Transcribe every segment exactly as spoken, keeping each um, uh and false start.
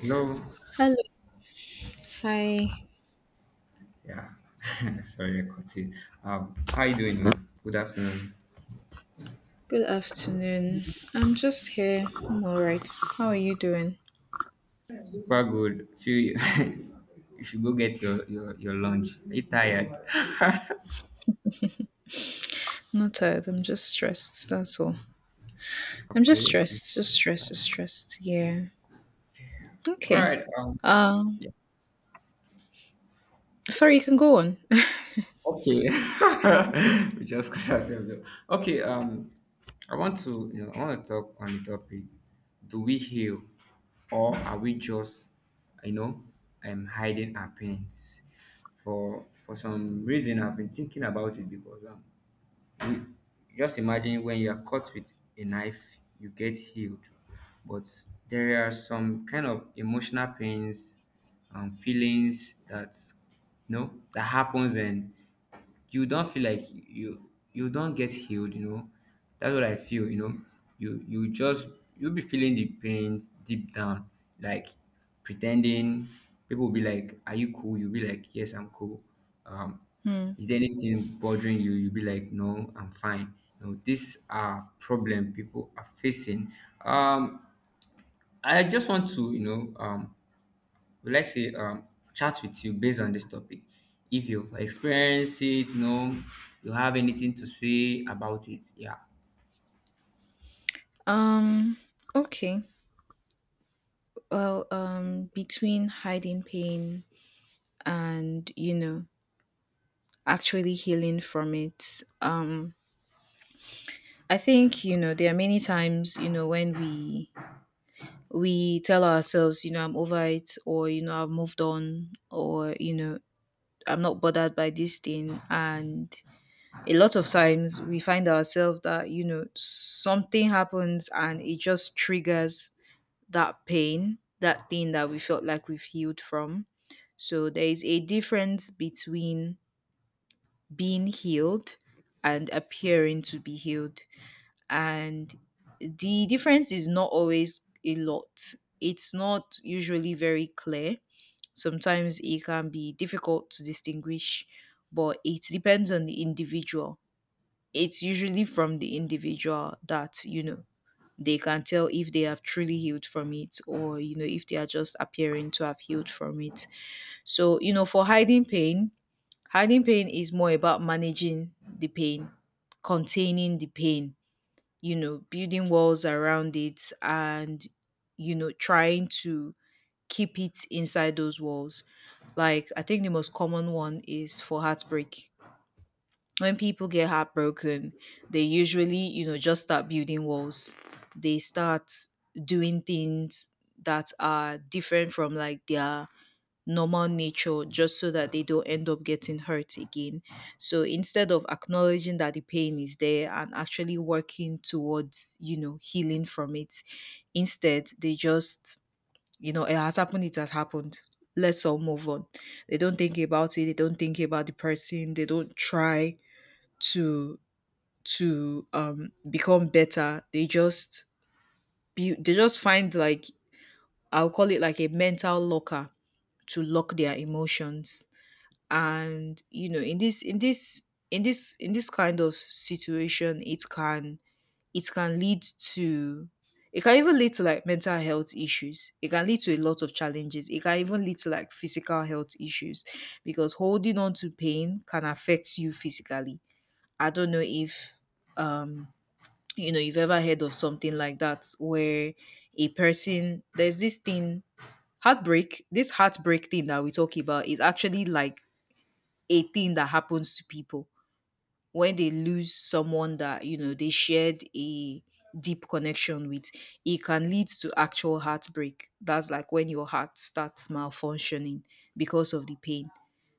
Hello. Hello. Hi. Yeah. Sorry, I caught you. Um, how you doing, man? Good afternoon. Good afternoon. I'm just here. I'm all right. How are you doing? Super good. Feel you you should go get your your your lunch. Are you tired? Not tired. I'm just stressed. That's all. I'm just Okay. stressed. Just stressed. Just stressed. Yeah. All Okay. right. Um. Um. Yeah. Sorry. You can go on. Okay. we just got ourselves. Up. Okay. Um. I want to you know I want to talk on the topic. Do we heal, or are we just you know um hiding our pains? For for some reason, I've been thinking about it because um You just imagine when you are cut with a knife, you get healed, but there are some kind of emotional pains and feelings that no, that happens and you don't feel like you you don't get healed you know, that's what I feel you know, you you just you'll be feeling the pains deep down, like pretending. People will be like, are you cool? You'll be like, yes, I'm cool. um Hmm. is there anything bothering you? You'll be like, no, I'm fine. No, these are problem people are facing. um I just want to you know um would like to um, chat with you based on this topic. If you've experienced it, you know, you have anything to say about it. Yeah. Um. Okay. Well. Um. Between hiding pain and you know actually healing from it. Um. I think you know there are many times you know when we we tell ourselves, you know, I'm over it, or, you know, I've moved on, or, you know, I'm not bothered by this thing. And a lot of times we find ourselves that, you know, something happens and it just triggers that pain, that thing that we felt like we've healed from. So there is a difference between being healed and appearing to be healed, and the difference is not always a lot. It's not usually very clear. Sometimes it can be difficult to distinguish, but it depends on the individual. It's usually from the individual that, you know, they can tell if they have truly healed from it or, you know, if they are just appearing to have healed from it. So, you know, for hiding pain, hiding pain is more about managing the pain, containing the pain, you know, building walls around it and, you know, trying to keep it inside those walls. Like, I think the most common one is for heartbreak. When people get heartbroken, they usually, you know, just start building walls. They start doing things that are different from like their normal nature, just so that they don't end up getting hurt again. So instead of acknowledging that the pain is there and actually working towards, you know, healing from it, instead they just, you know, it has happened, it has happened. Let's all move on. They don't think about it, they don't think about the person, they don't try to to um become better. They just be, they just find like, I'll call it like a mental locker to lock their emotions. And you know, in this in this in this in this kind of situation, it can, it can lead to, it can even lead to like mental health issues, it can lead to a lot of challenges, it can even lead to like physical health issues because holding on to pain can affect you physically. I don't know if, um you know, you've ever heard of something like that where a person, there's this thing, heartbreak, this heartbreak thing that we talk about is actually like a thing that happens to people when they lose someone that, you know, they shared a deep connection with. It can lead to actual heartbreak. That's like when your heart starts malfunctioning because of the pain.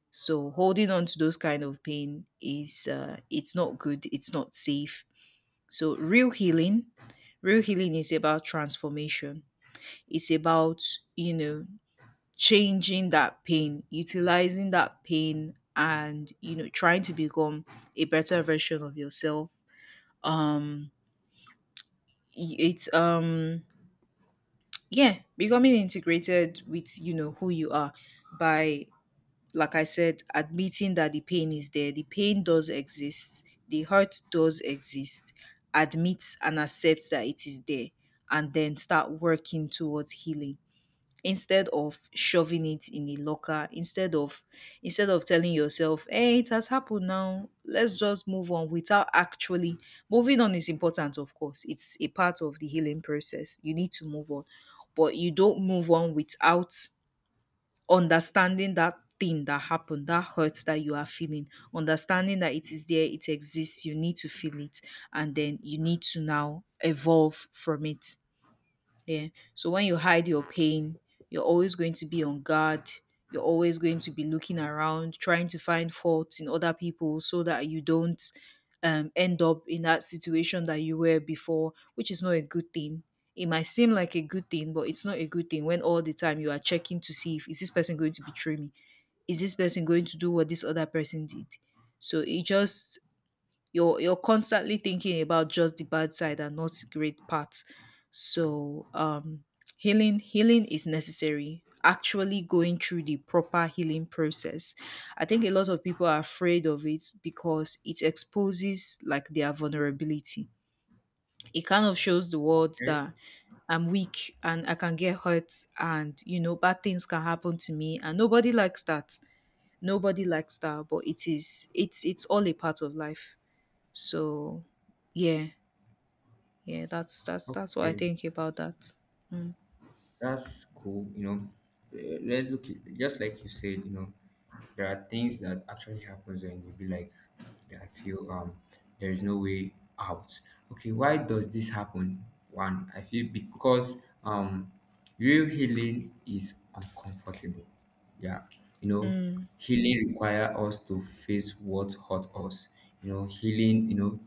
So holding on to those kind of pain is uh, it's not good, it's not safe. So real healing, real healing is about transformation. It's about, you know, changing that pain, utilizing that pain, and you know, trying to become a better version of yourself. Um y- it's um yeah, becoming integrated with, you know, who you are by, like I said, admitting that the pain is there. The pain does exist. The hurt does exist. Admit and accept that it is there, and then start working towards healing, instead of shoving it in a locker, instead of, instead of telling yourself, hey, it has happened, now let's just move on without actually, moving on is important, of course. It's a part of the healing process. You need to move on, but you don't move on without understanding that thing that happened, that hurt that you are feeling, understanding that it is there, it exists, you need to feel it, and then you need to now evolve from it. Yeah. So when you hide your pain, you're always going to be on guard. You're always going to be looking around, trying to find faults in other people so that you don't, um, end up in that situation that you were before, which is not a good thing. It might seem like a good thing, but it's not a good thing when all the time you are checking to see, if is this person going to betray me? Is this person going to do what this other person did? So it just, you're you're constantly thinking about just the bad side and not the great parts. So um healing, healing is necessary, actually going through the proper healing process. I think a lot of people are afraid of it because it exposes like their vulnerability. It kind of shows the world Okay. that I'm weak and I can get hurt, and you know, bad things can happen to me, and nobody likes that. Nobody likes that, but it is, it's it's all a part of life. So yeah, yeah, that's that's that's what I Okay. think about that. Mm. That's cool, you know. Eh, Let look it- just like you said, you know, there are things that actually happens and you be like, I feel um there is no way out. Okay, why does this happen? One, I feel because um real healing is uncomfortable. Yeah, you know, healing require us to face what hurt us. You know, healing, you know,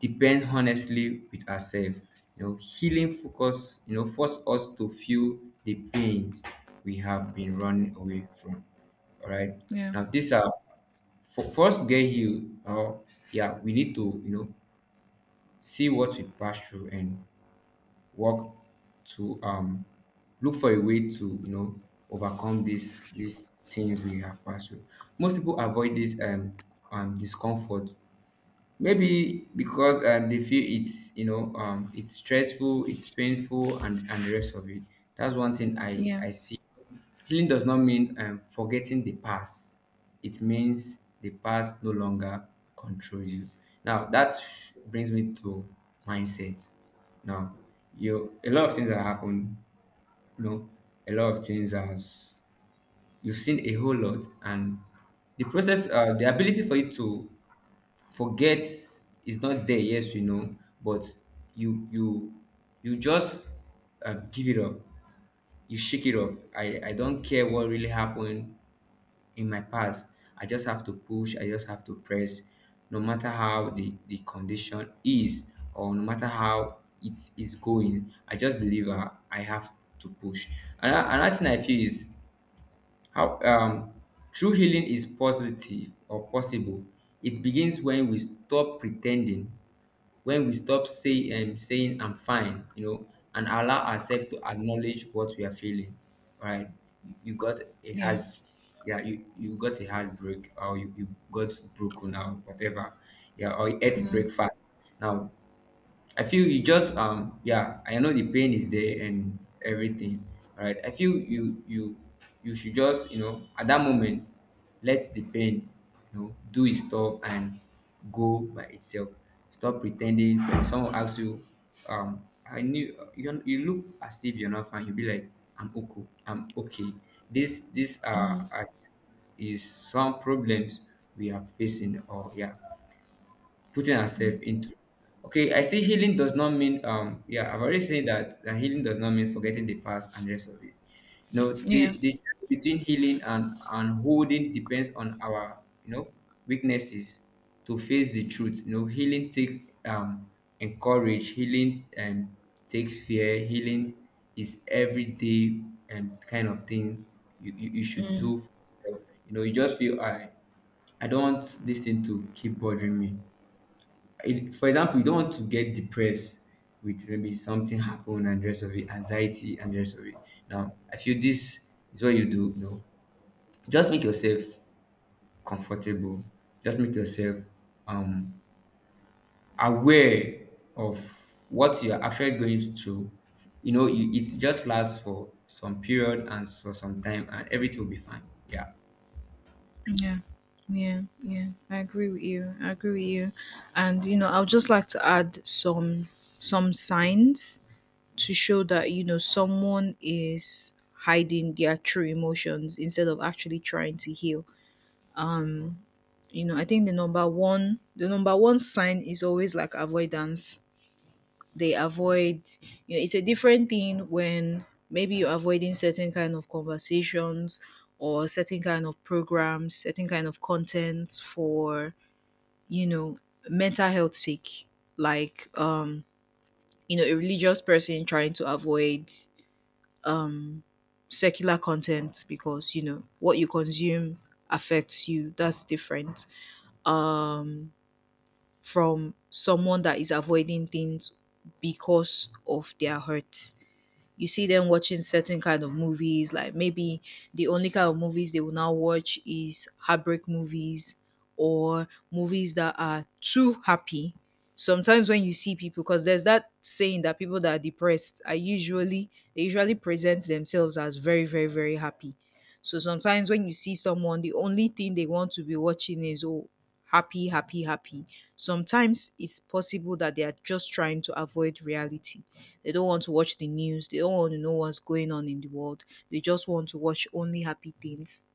depend honestly with ourselves, you know, healing focus, you know, force us to feel the pains we have been running away from. All right, Yeah, now these are, for, for us to get healed or yeah, we need to, you know, see what we pass through and work to um look for a way to, you know, overcome these these things we have passed through. Most people avoid this um um discomfort. Maybe because um, they feel it's, you know, um, it's stressful, it's painful, and and the rest of it. That's one thing I yeah, I see. Healing does not mean um, forgetting the past. It means the past no longer controls you. Now that brings me to mindset. Now you a lot of things that happen. You know, a lot of things, as you've seen a whole lot, and the process uh, the ability for you to forget is not there, yes, we know, but you you you just um, give it up, you shake it off. I i don't care what really happened in my past. I just have to push, I just have to press. No matter how the the condition is, or no matter how it is going, I just believe i, I have to push. And another thing I feel is how um true healing is positive or possible. It begins when we stop pretending, when we stop say, um, saying I'm fine, you know, and allow ourselves to acknowledge what we are feeling. Right? You, you got a yeah. heart, yeah, you, you got a heartbreak or you, you got broken or whatever. Yeah, or you ate Mm, breakfast. Now I feel you just um yeah, I know the pain is there and everything. All right. I feel you you you should just, you know, at that moment let the pain, you know, do its stuff and go by itself. Stop pretending when someone asks you, um, I knew you you look as if you're not fine, you'll be like, I'm okay, I'm okay. This this uh, mm, uh is some problems we are facing, or yeah, putting herself into. Okay, I see healing does not mean um yeah, I've already said that that healing does not mean forgetting the past and the rest of it. You know, yeah, the the difference between healing and and holding depends on our, you know, weaknesses to face the truth. You know, healing take um encourage, healing um takes fear, healing is everyday and kind of thing you, you, you should mm, do for yourself. You know, you just feel I I don't want this thing to keep bothering me. It, for example, you don't want to get depressed with maybe something happened and the rest of it, anxiety and the rest of it. Now, I feel this is what you do. You know, just make yourself comfortable. Just make yourself um aware of what you are actually going through. You know, you, it just lasts for some period and for some time, and everything will be fine. Yeah. yeah. Yeah, yeah, I agree with you. I agree with you. And you know, I would just like to add some some signs to show that, you know, someone is hiding their true emotions instead of actually trying to heal. You know, I think the number one the number one sign is always like avoidance. They avoid, you know, it's a different thing when maybe you're avoiding certain kind of conversations, or certain kind of programs, certain kind of content for, you know, mental health sake, like, um you know, a religious person trying to avoid, um secular content, because you know what you consume affects you. That's different, um from someone that is avoiding things because of their hurt. You see them watching certain kind of movies, like maybe the only kind of movies they will now watch is heartbreak movies, or movies that are too happy. Sometimes when you see people, because there's that saying that people that are depressed are usually, they usually present themselves as very, very, very happy. So sometimes when you see someone, the only thing they want to be watching is, oh, happy, happy, happy. Sometimes it's possible that they are just trying to avoid reality. They don't want to watch the news. They don't want to know what's going on in the world. They just want to watch only happy things.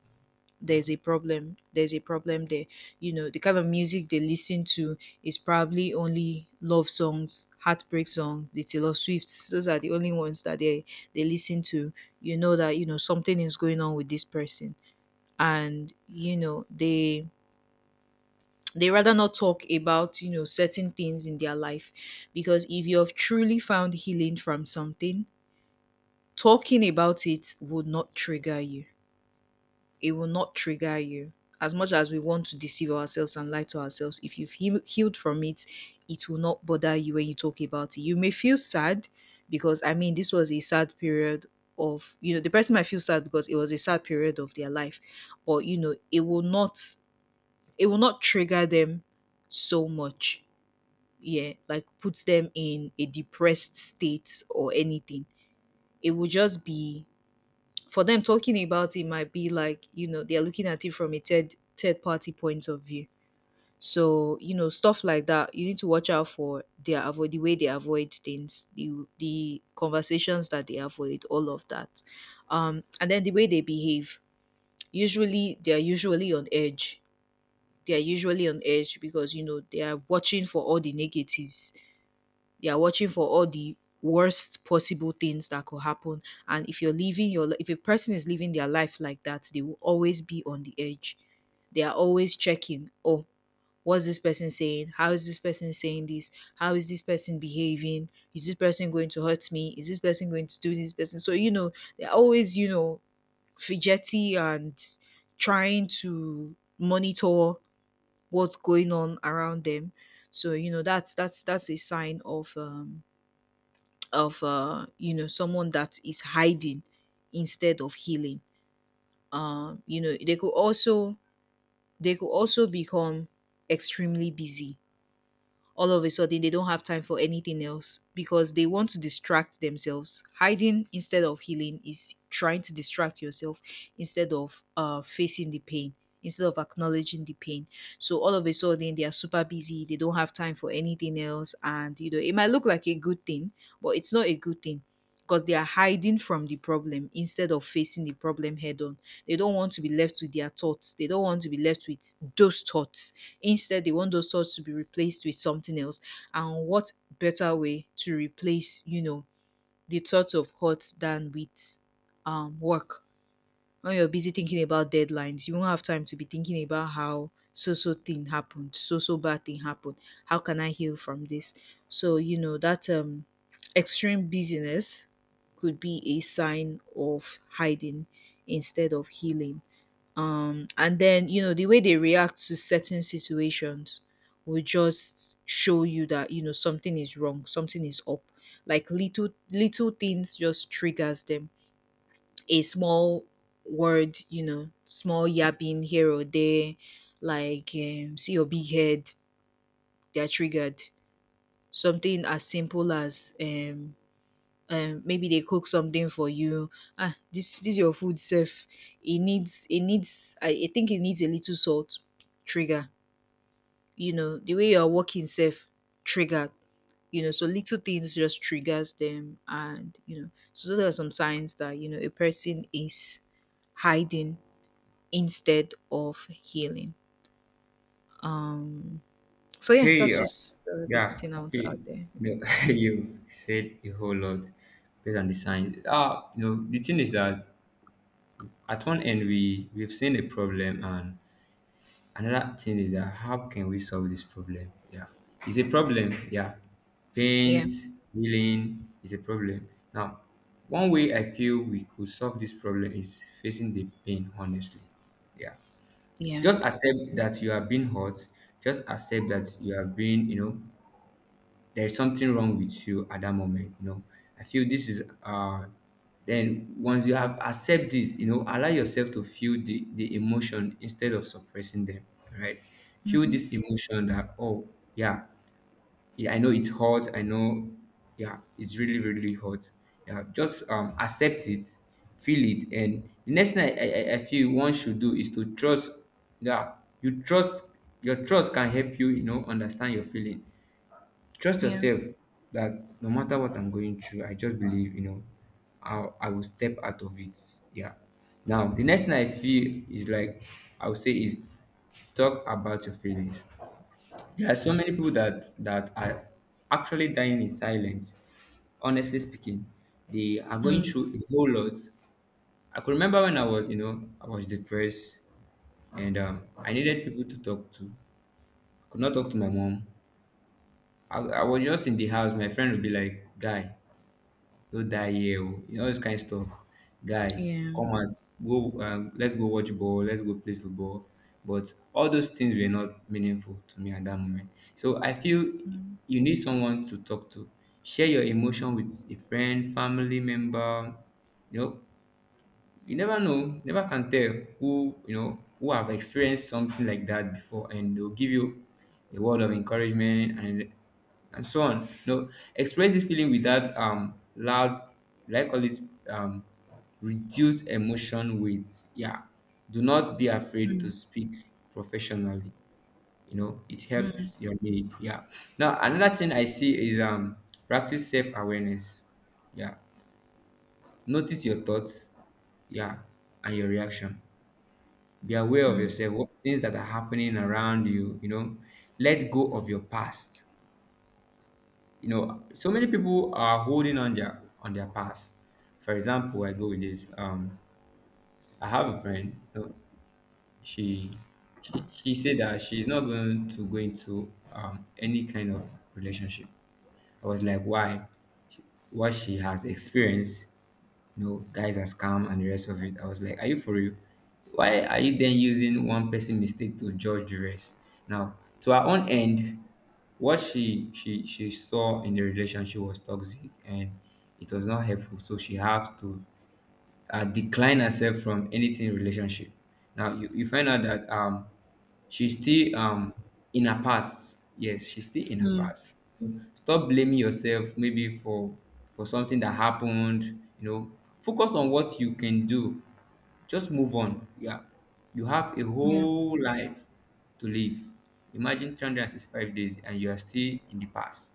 There's a problem. There's a problem there. You know, the kind of music they listen to is probably only love songs, heartbreak songs, the Taylor Swifts. Those are the only ones that they they listen to. You know that you know something is going on with this person, and you know they they rather not talk about, you know, certain things in their life, because if you have truly found healing from something, talking about it would not trigger you. It will not trigger you. As much as we want to deceive ourselves and lie to ourselves, if you've heal- healed from it, it will not bother you when you talk about it. You may feel sad because, I mean, this was a sad period of, you know, the person might feel sad because it was a sad period of their life, but, you know, it will not, it will not trigger them so much. Yeah. Like puts them in a depressed state or anything. It will just be, for them, talking about it might be like, you know, they're looking at it from a third third party point of view. So you know, stuff like that, you need to watch out for their avoid, the way they avoid things, the the conversations that they avoid, all of that, um and then the way they behave. Usually they're usually on edge. They're usually on edge because you know, they are watching for all the negatives, they are watching for all the worst possible things that could happen. And if you're living your li- if a person is living their life like that, they will always be on the edge. They are always checking, oh, what's this person saying? How is this person saying this? How is this person behaving? Is this person going to hurt me? Is this person going to do this person? So, you know, they're always, you know, fidgety and trying to monitor what's going on around them. So, you know, that's that's that's a sign of um of uh you know someone that is hiding instead of healing. um you know, they could also they could also become extremely busy. All of a sudden they don't have time for anything else because they want to distract themselves. Hiding instead of healing is trying to distract yourself instead of uh facing the pain, instead of acknowledging the pain. So all of a sudden they are super busy, they don't have time for anything else, and you know it might look like a good thing, but it's not a good thing, because they are hiding from the problem instead of facing the problem head on. They don't want to be left with their thoughts, they don't want to be left with those thoughts. Instead, they want those thoughts to be replaced with something else. And what better way to replace, you know, the thoughts of hurt than with um work? When you're busy thinking about deadlines, you won't have time to be thinking about how so so thing happened, so so bad thing happened. How can I heal from this? So, you know, that um extreme busyness could be a sign of hiding instead of healing. Um and then, you know, the way they react to certain situations will just show you that, you know, something is wrong, something is up. Like little little things just triggers them. A small word, you know, small yapping here or there, like um, see your big head, they're triggered. Something as simple as um um maybe they cook something for you. Ah, this this your food self, it needs it needs I, I think it needs a little salt. Trigger. You know, the way you're walking self, triggered. You know, so little things just triggers them, and you know, so those are some signs that you know a person is hiding instead of healing. um so yeah, that's Okay. just a little Yeah, thing I want to okay. add there. Yeah. No, you said a whole lot based on the signs. Uh, you know, the thing is that at one end we we've seen a problem, and another thing is that how can we solve this problem? Yeah, it's a problem. Yeah, Yeah. pains, healing is a problem. Now, one way I feel we could solve this problem is facing the pain honestly. Yeah, Yeah. just accept that you have been hurt. Just accept that you have been, you know, there's something wrong with you at that moment, you know, I feel this is uh then once you have accept this, you know, allow yourself to feel the the emotion instead of suppressing them. Right? Feel Hmm. this emotion that, oh, yeah, yeah, I know it's hot, I know, yeah, it's really really hot. Yeah, just um accept it, feel it. And the next thing i i, I feel one should do is to trust. Yeah, you trust, your trust can help you, you know, understand your feeling. Trust Yeah. yourself that no matter what I'm going through, I just believe, you know, I, I will step out of it. Yeah. Now, the next thing I feel is like, I would say is talk about your feelings. There are so many people that, that are actually dying in silence. Honestly speaking, they are going Mm, through a whole lot. I could remember when I was, you know, I was depressed and um, I needed people to talk to. I could not talk to my mom. I, I was just in the house. My friend would be like, guy, go die here o, you know, all those kind of stuff, guy, yeah. come out, go um let's go watch ball, let's go play football. But all those things were not meaningful to me at that moment, so I feel Mm. you need someone to talk to. Share your emotion with a friend, family member, you know. You never know, never can tell who, you know, who have experienced something like that before, and they'll give you a word of encouragement and and so on. No, express this feeling without um loud, like call it um reduce emotion weights. Yeah, do not be afraid to Mm. speak professionally. You know, it Mm. helps your day. Yeah. Now another thing I see is um practice self awareness. Yeah, notice your thoughts, yeah, and your reaction. Be aware of Mm. yourself, what things that are happening around you, you know. Let go of your past. You know, so many people are holding on their on their past. For example, I go with this. Um, I have a friend, you know, she she she said that she's not going to go into um any kind of relationship. I was like, why? She- What she has experienced. No, guys are scam and the rest of it. I was like, are you for real? Why are you then using one person mistake to judge the rest? Now, to her own end, what she she she saw in the relationship was toxic and it was not helpful. So she have to uh, decline herself from anything relationship. Now you, you find out that um she's still um in her past. Yes, she's still in her Mm. past. Stop blaming yourself maybe for for something that happened, you know. Focus on what you can do. Just move on. Yeah. You have a Yeah, whole life to live. Imagine three hundred sixty-five days and you are still in the past,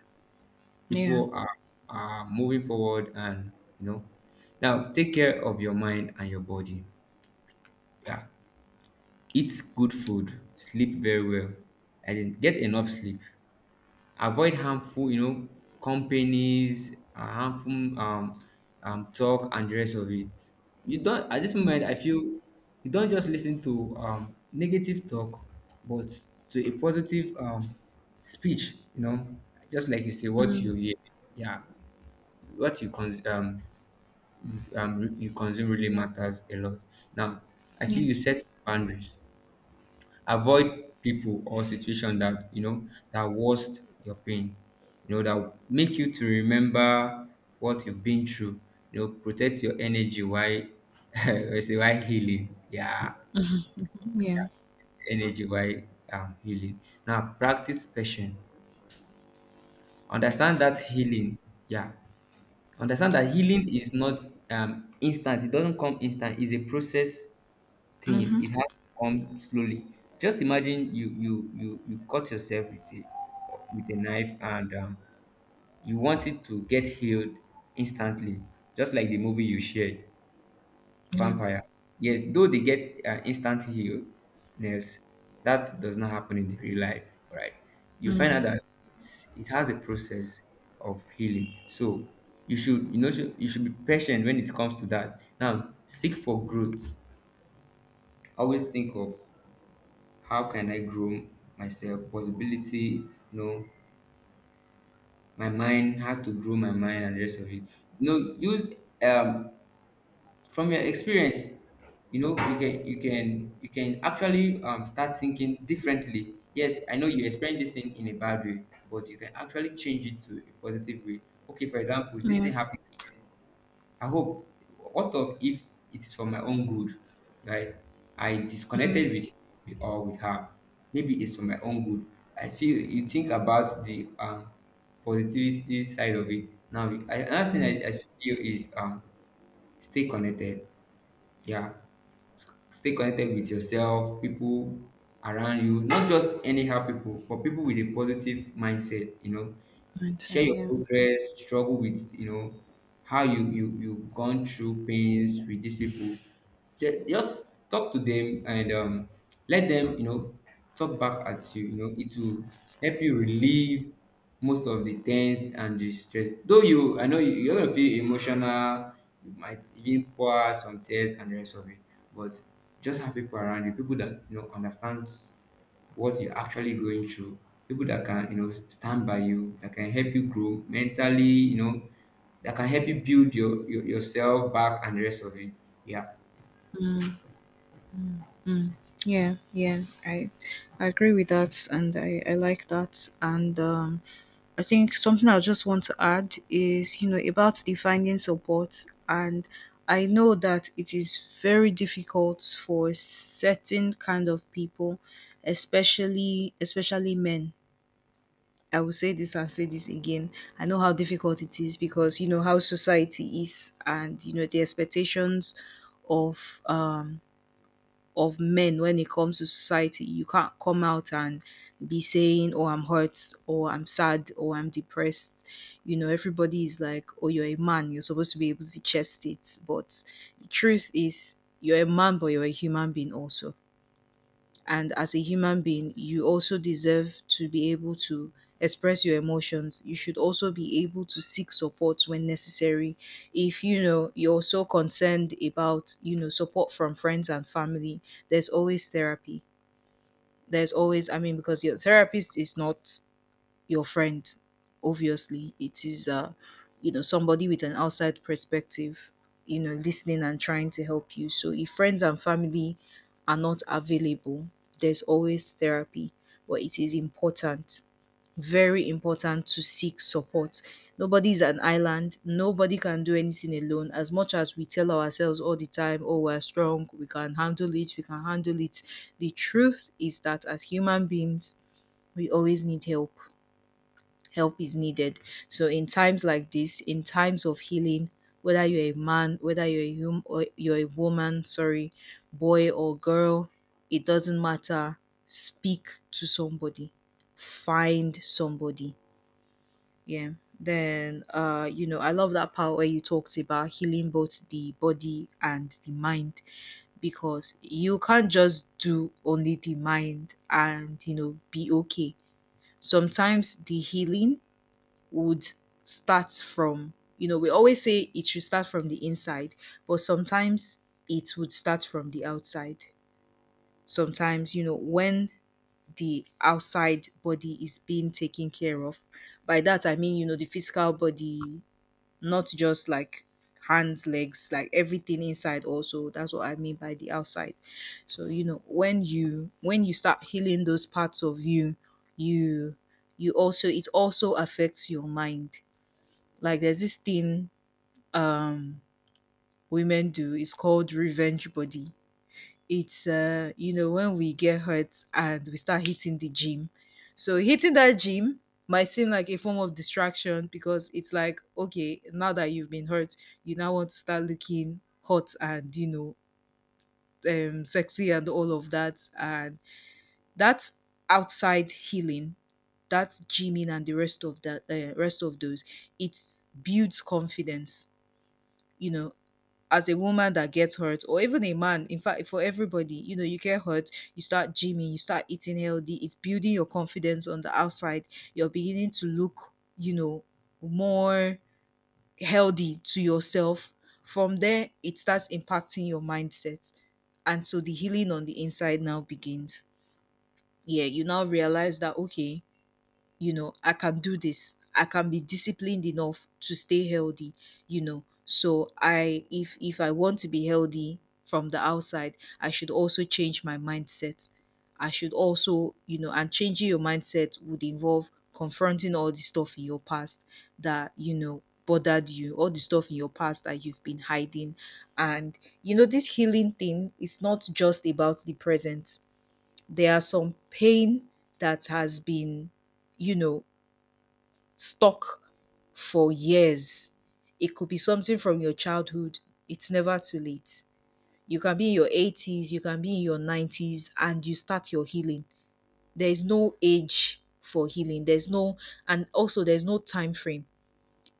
yeah. people are are moving forward and you know, now take care of your mind and your body. Yeah, eat good food, sleep very well, and then get enough sleep. Avoid harmful, you know, companies, uh, harmful um, um talk and the rest of it. You don't, at this Mm. moment I feel, you don't just listen to um negative talk, but to a positive um speech, you know, just like you say, what you Mm. hear, yeah, what you cons- um, um, you consume really matters a lot. Now, I feel Yeah. you set boundaries, avoid people or situation that you know that worst your pain, you know that make you to remember what you've been through. You know, protect your energy while I say while healing. Yeah, Mhm. Yeah. energy while um, healing. Now, practice patience. Understand that healing. Yeah, understand that healing is not um, instant. It doesn't come instant. It's a process thing. Mhm. It has to come slowly. Just imagine you you you you cut yourself with a with a knife and um, you want it to get healed instantly, just like the movie you shared, Yeah. vampire. Yes, though they get uh, instant healness, that does not happen in the real life, right? You find out Mm. that it's, it has a process of healing. So you should, you know, should- you should be patient when it comes to that. Now, seek for growth. Always think of how can I grow myself, possibility, you know, my mind, how to grow my mind and the rest of it. You know, use um from your experience, you know, you can you can you can actually um, start thinking differently. Yes, I know you experienced this thing in a bad way, but you can actually change it to a positive way. Okay, for example, this Yeah. thing happened like this. I hope, what of if it's for my own good, right, I Mm. disconnected with with or with her, maybe it's for my own good. I feel you think about the um positivity side of it. Now I, another thing Mm. I, I feel is um stay connected. Yeah. Stay connected with yourself, people around you, not just anyhow people, but people with a positive mindset, you know. Share Mindset, your yeah. progress, struggle, with, you know, how you you you've gone through pains with these people. Ju- just talk to them and um let them, you know, talk back at you, you know, it will help you relieve most of the tense and the stress. Though you, I know you, you're gonna feel emotional, you might even pour out some tears and the rest of it, but just have people around you, people that you know understand what you're actually going through, people that can, you know, stand by you, that can help you grow mentally, you know, that can help you build your, your yourself back and the rest of it. Yeah. Mm. Mm. Mm. Yeah, yeah. I, I agree with that, and I, I like that, and um, I think something I just want to add is, you know, about the finding support. And I know that it is very difficult for certain kind of people, especially especially men. I will say this and say this again. I know how difficult it is, because you know how society is and you know the expectations of um of men when it comes to society. You can't come out and be saying, oh, I'm hurt or I'm sad or I'm depressed. You know, everybody is like, oh, you're a man, you're supposed to be able to chest it. But the truth is, you're a man, but you're a human being also. And as a human being you also deserve to be able to express your emotions. You should also be able to seek support when necessary. If you know you're so concerned about, you know, support from friends and family, there's always therapy. There's always, I mean, because your therapist is not your friend. Obviously, it is uh, you know, somebody with an outside perspective, you know, listening and trying to help you. So if friends and family are not available, there's always therapy, but it is important, very important, to seek support. Nobody's an island. Nobody can do anything alone. As much as we tell ourselves all the time, oh, we're strong, we can handle it, we can handle it. The truth is that as human beings, we always need help, help is needed. So in times like this, in times of healing, whether you're a man, whether you're a hum- or you're a woman, sorry, boy or girl, it doesn't matter. Speak to somebody. Find somebody. Yeah. Then uh, you know, I love that part where you talked about healing both the body and the mind, because you can't just do only the mind and, you know, be okay. Sometimes the healing would start from, you know, we always say it should start from the inside, but sometimes it would start from the outside. Sometimes, you know, when the outside body is being taken care of, by that I mean, you know, the physical body, not just like hands, legs, like everything inside also, that's what I mean by the outside. So you know when you, when you start healing those parts of you, you, you also, it also affects your mind. Like there's this thing um women do. It's called revenge body. It's uh you know, when we get hurt and we start hitting the gym. So hitting that gym might seem like a form of distraction, because it's like, okay, now that you've been hurt, you now want to start looking hot, and you know, um sexy and all of that, and that's outside healing. That's gymming and the rest of that, uh, rest of those. It builds confidence, you know. As a woman that gets hurt, or even a man, in fact, for everybody, you know, you get hurt, you start gymming, you start eating healthy, it's building your confidence on the outside. You're beginning to look, you know, more healthy to yourself. From there it starts impacting your mindset, and so the healing on the inside now begins. Yeah, you now realize that, okay, you know, I can do this. I can be disciplined enough to stay healthy, you know. So I, if if I want to be healthy from the outside, I should also change my mindset. I should also, you know, and changing your mindset would involve confronting all the stuff in your past that, you know, bothered you, all the stuff in your past that you've been hiding. And, you know, this healing thing is not just about the present. There are some pain that has been, you know, stuck for years. It could be something from your childhood. It's never too late. You can be in your eighties, you can be in your nineties, and you start your healing. There is no age for healing. There's no, and also there's no time frame.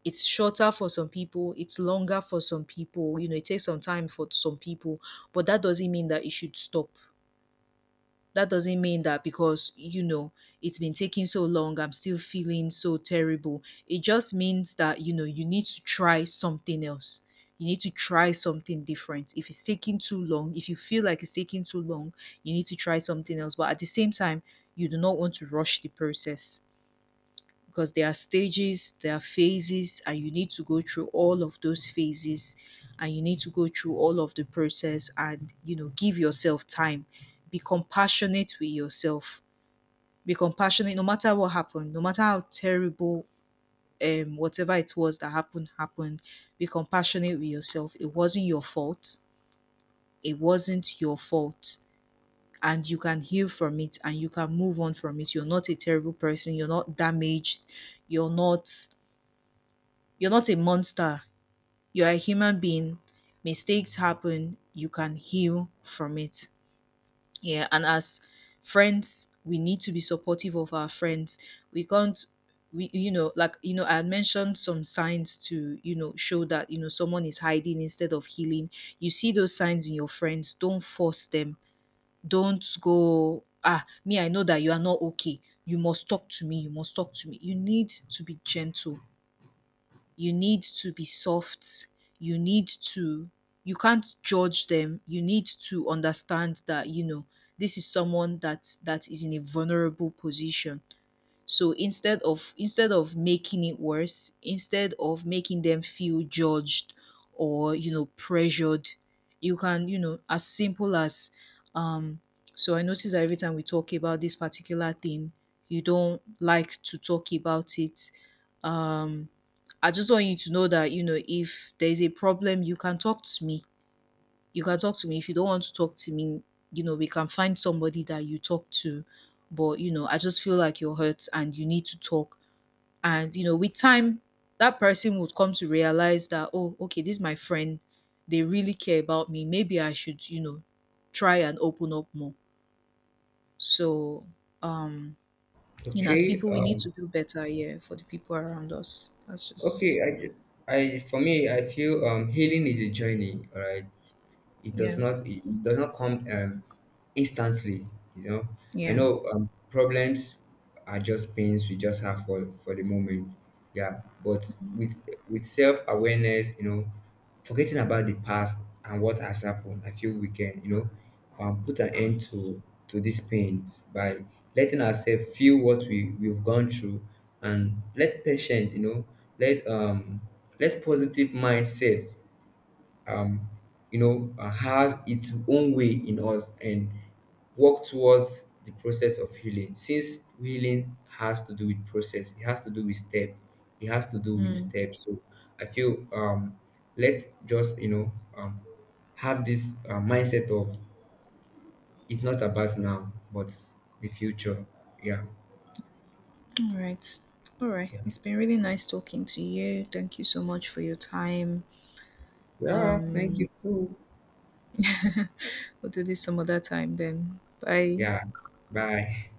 It's shorter for some people, it's longer for some people. You know, it takes some time for some people, but that doesn't mean that it should stop. That doesn't mean that because, you know, it's been taking so long, I'm still feeling so terrible. It just means that, you know, you need to try something else. You need to try something different. If it's taking too long, if you feel like it's taking too long, you need to try something else. But at the same time, you do not want to rush the process, because there are stages, there are phases, and you need to go through all of those phases, and you need to go through all of the process, and, you know, give yourself time. Be compassionate with yourself. Be compassionate no matter what happened, no matter how terrible um whatever it was that happened happened. Be compassionate with yourself. It wasn't your fault. It wasn't your fault. And you can heal from it and you can move on from it. You're not a terrible person. You're not damaged. You're not, you're not a monster. You're a human being. Mistakes happen. You can heal from it. Yeah. And as friends, we need to be supportive of our friends. We can't, we, you know, like, you know, I had mentioned some signs to, you know, show that, you know, someone is hiding instead of healing. You see those signs in your friends. Don't force them. Don't go, ah, me, I know that you are not okay. You must talk to me. You must talk to me. You need to be gentle, you need to be soft. You need to, you can't judge them. You need to understand that, you know, this is someone that that is in a vulnerable position. So instead of instead of making it worse, instead of making them feel judged or, you know, pressured, you can, you know, as simple as um. So I notice that every time we talk about this particular thing, you don't like to talk about it. Um, I just want you to know that, you know, if there is a problem, you can talk to me you can talk to me. If you don't want to talk to me, you know, we can find somebody that you talk to. But, you know, I just feel like you're hurt and you need to talk. And, you know, with time, that person would come to realize that, oh, okay, this is my friend. They really care about me. Maybe I should, you know, try and open up more. So, um, you know, as Okay. people, we need to Um, do better, yeah, for the people around us. That's okay. just, I, I, for me, I feel um, healing is a journey. All right. It does yeah, not. It, it does not come. Um, instantly, you know, I yeah. know um, problems are just pains we just have for for the moment. Yeah, but with with self-awareness, you know, forgetting about the past and what has happened, I feel we can, you know, um, put an end to to these pains by letting ourselves feel what we we've gone through, and let patient, you know, let um let positive mindset um, you know, uh, had its own way in us and work towards the process of healing. Since healing has to do with process, it has to do with step, it has to do with Mm. steps. So I feel um, let's just, you know, um, have this uh, mindset of it's not about now, but the future. Yeah, All right. All right. yeah, It's been really nice talking to you. Thank you so much for your time. yeah. Thank you Um, too. we'll do this some other time then. Bye. Yeah. Bye.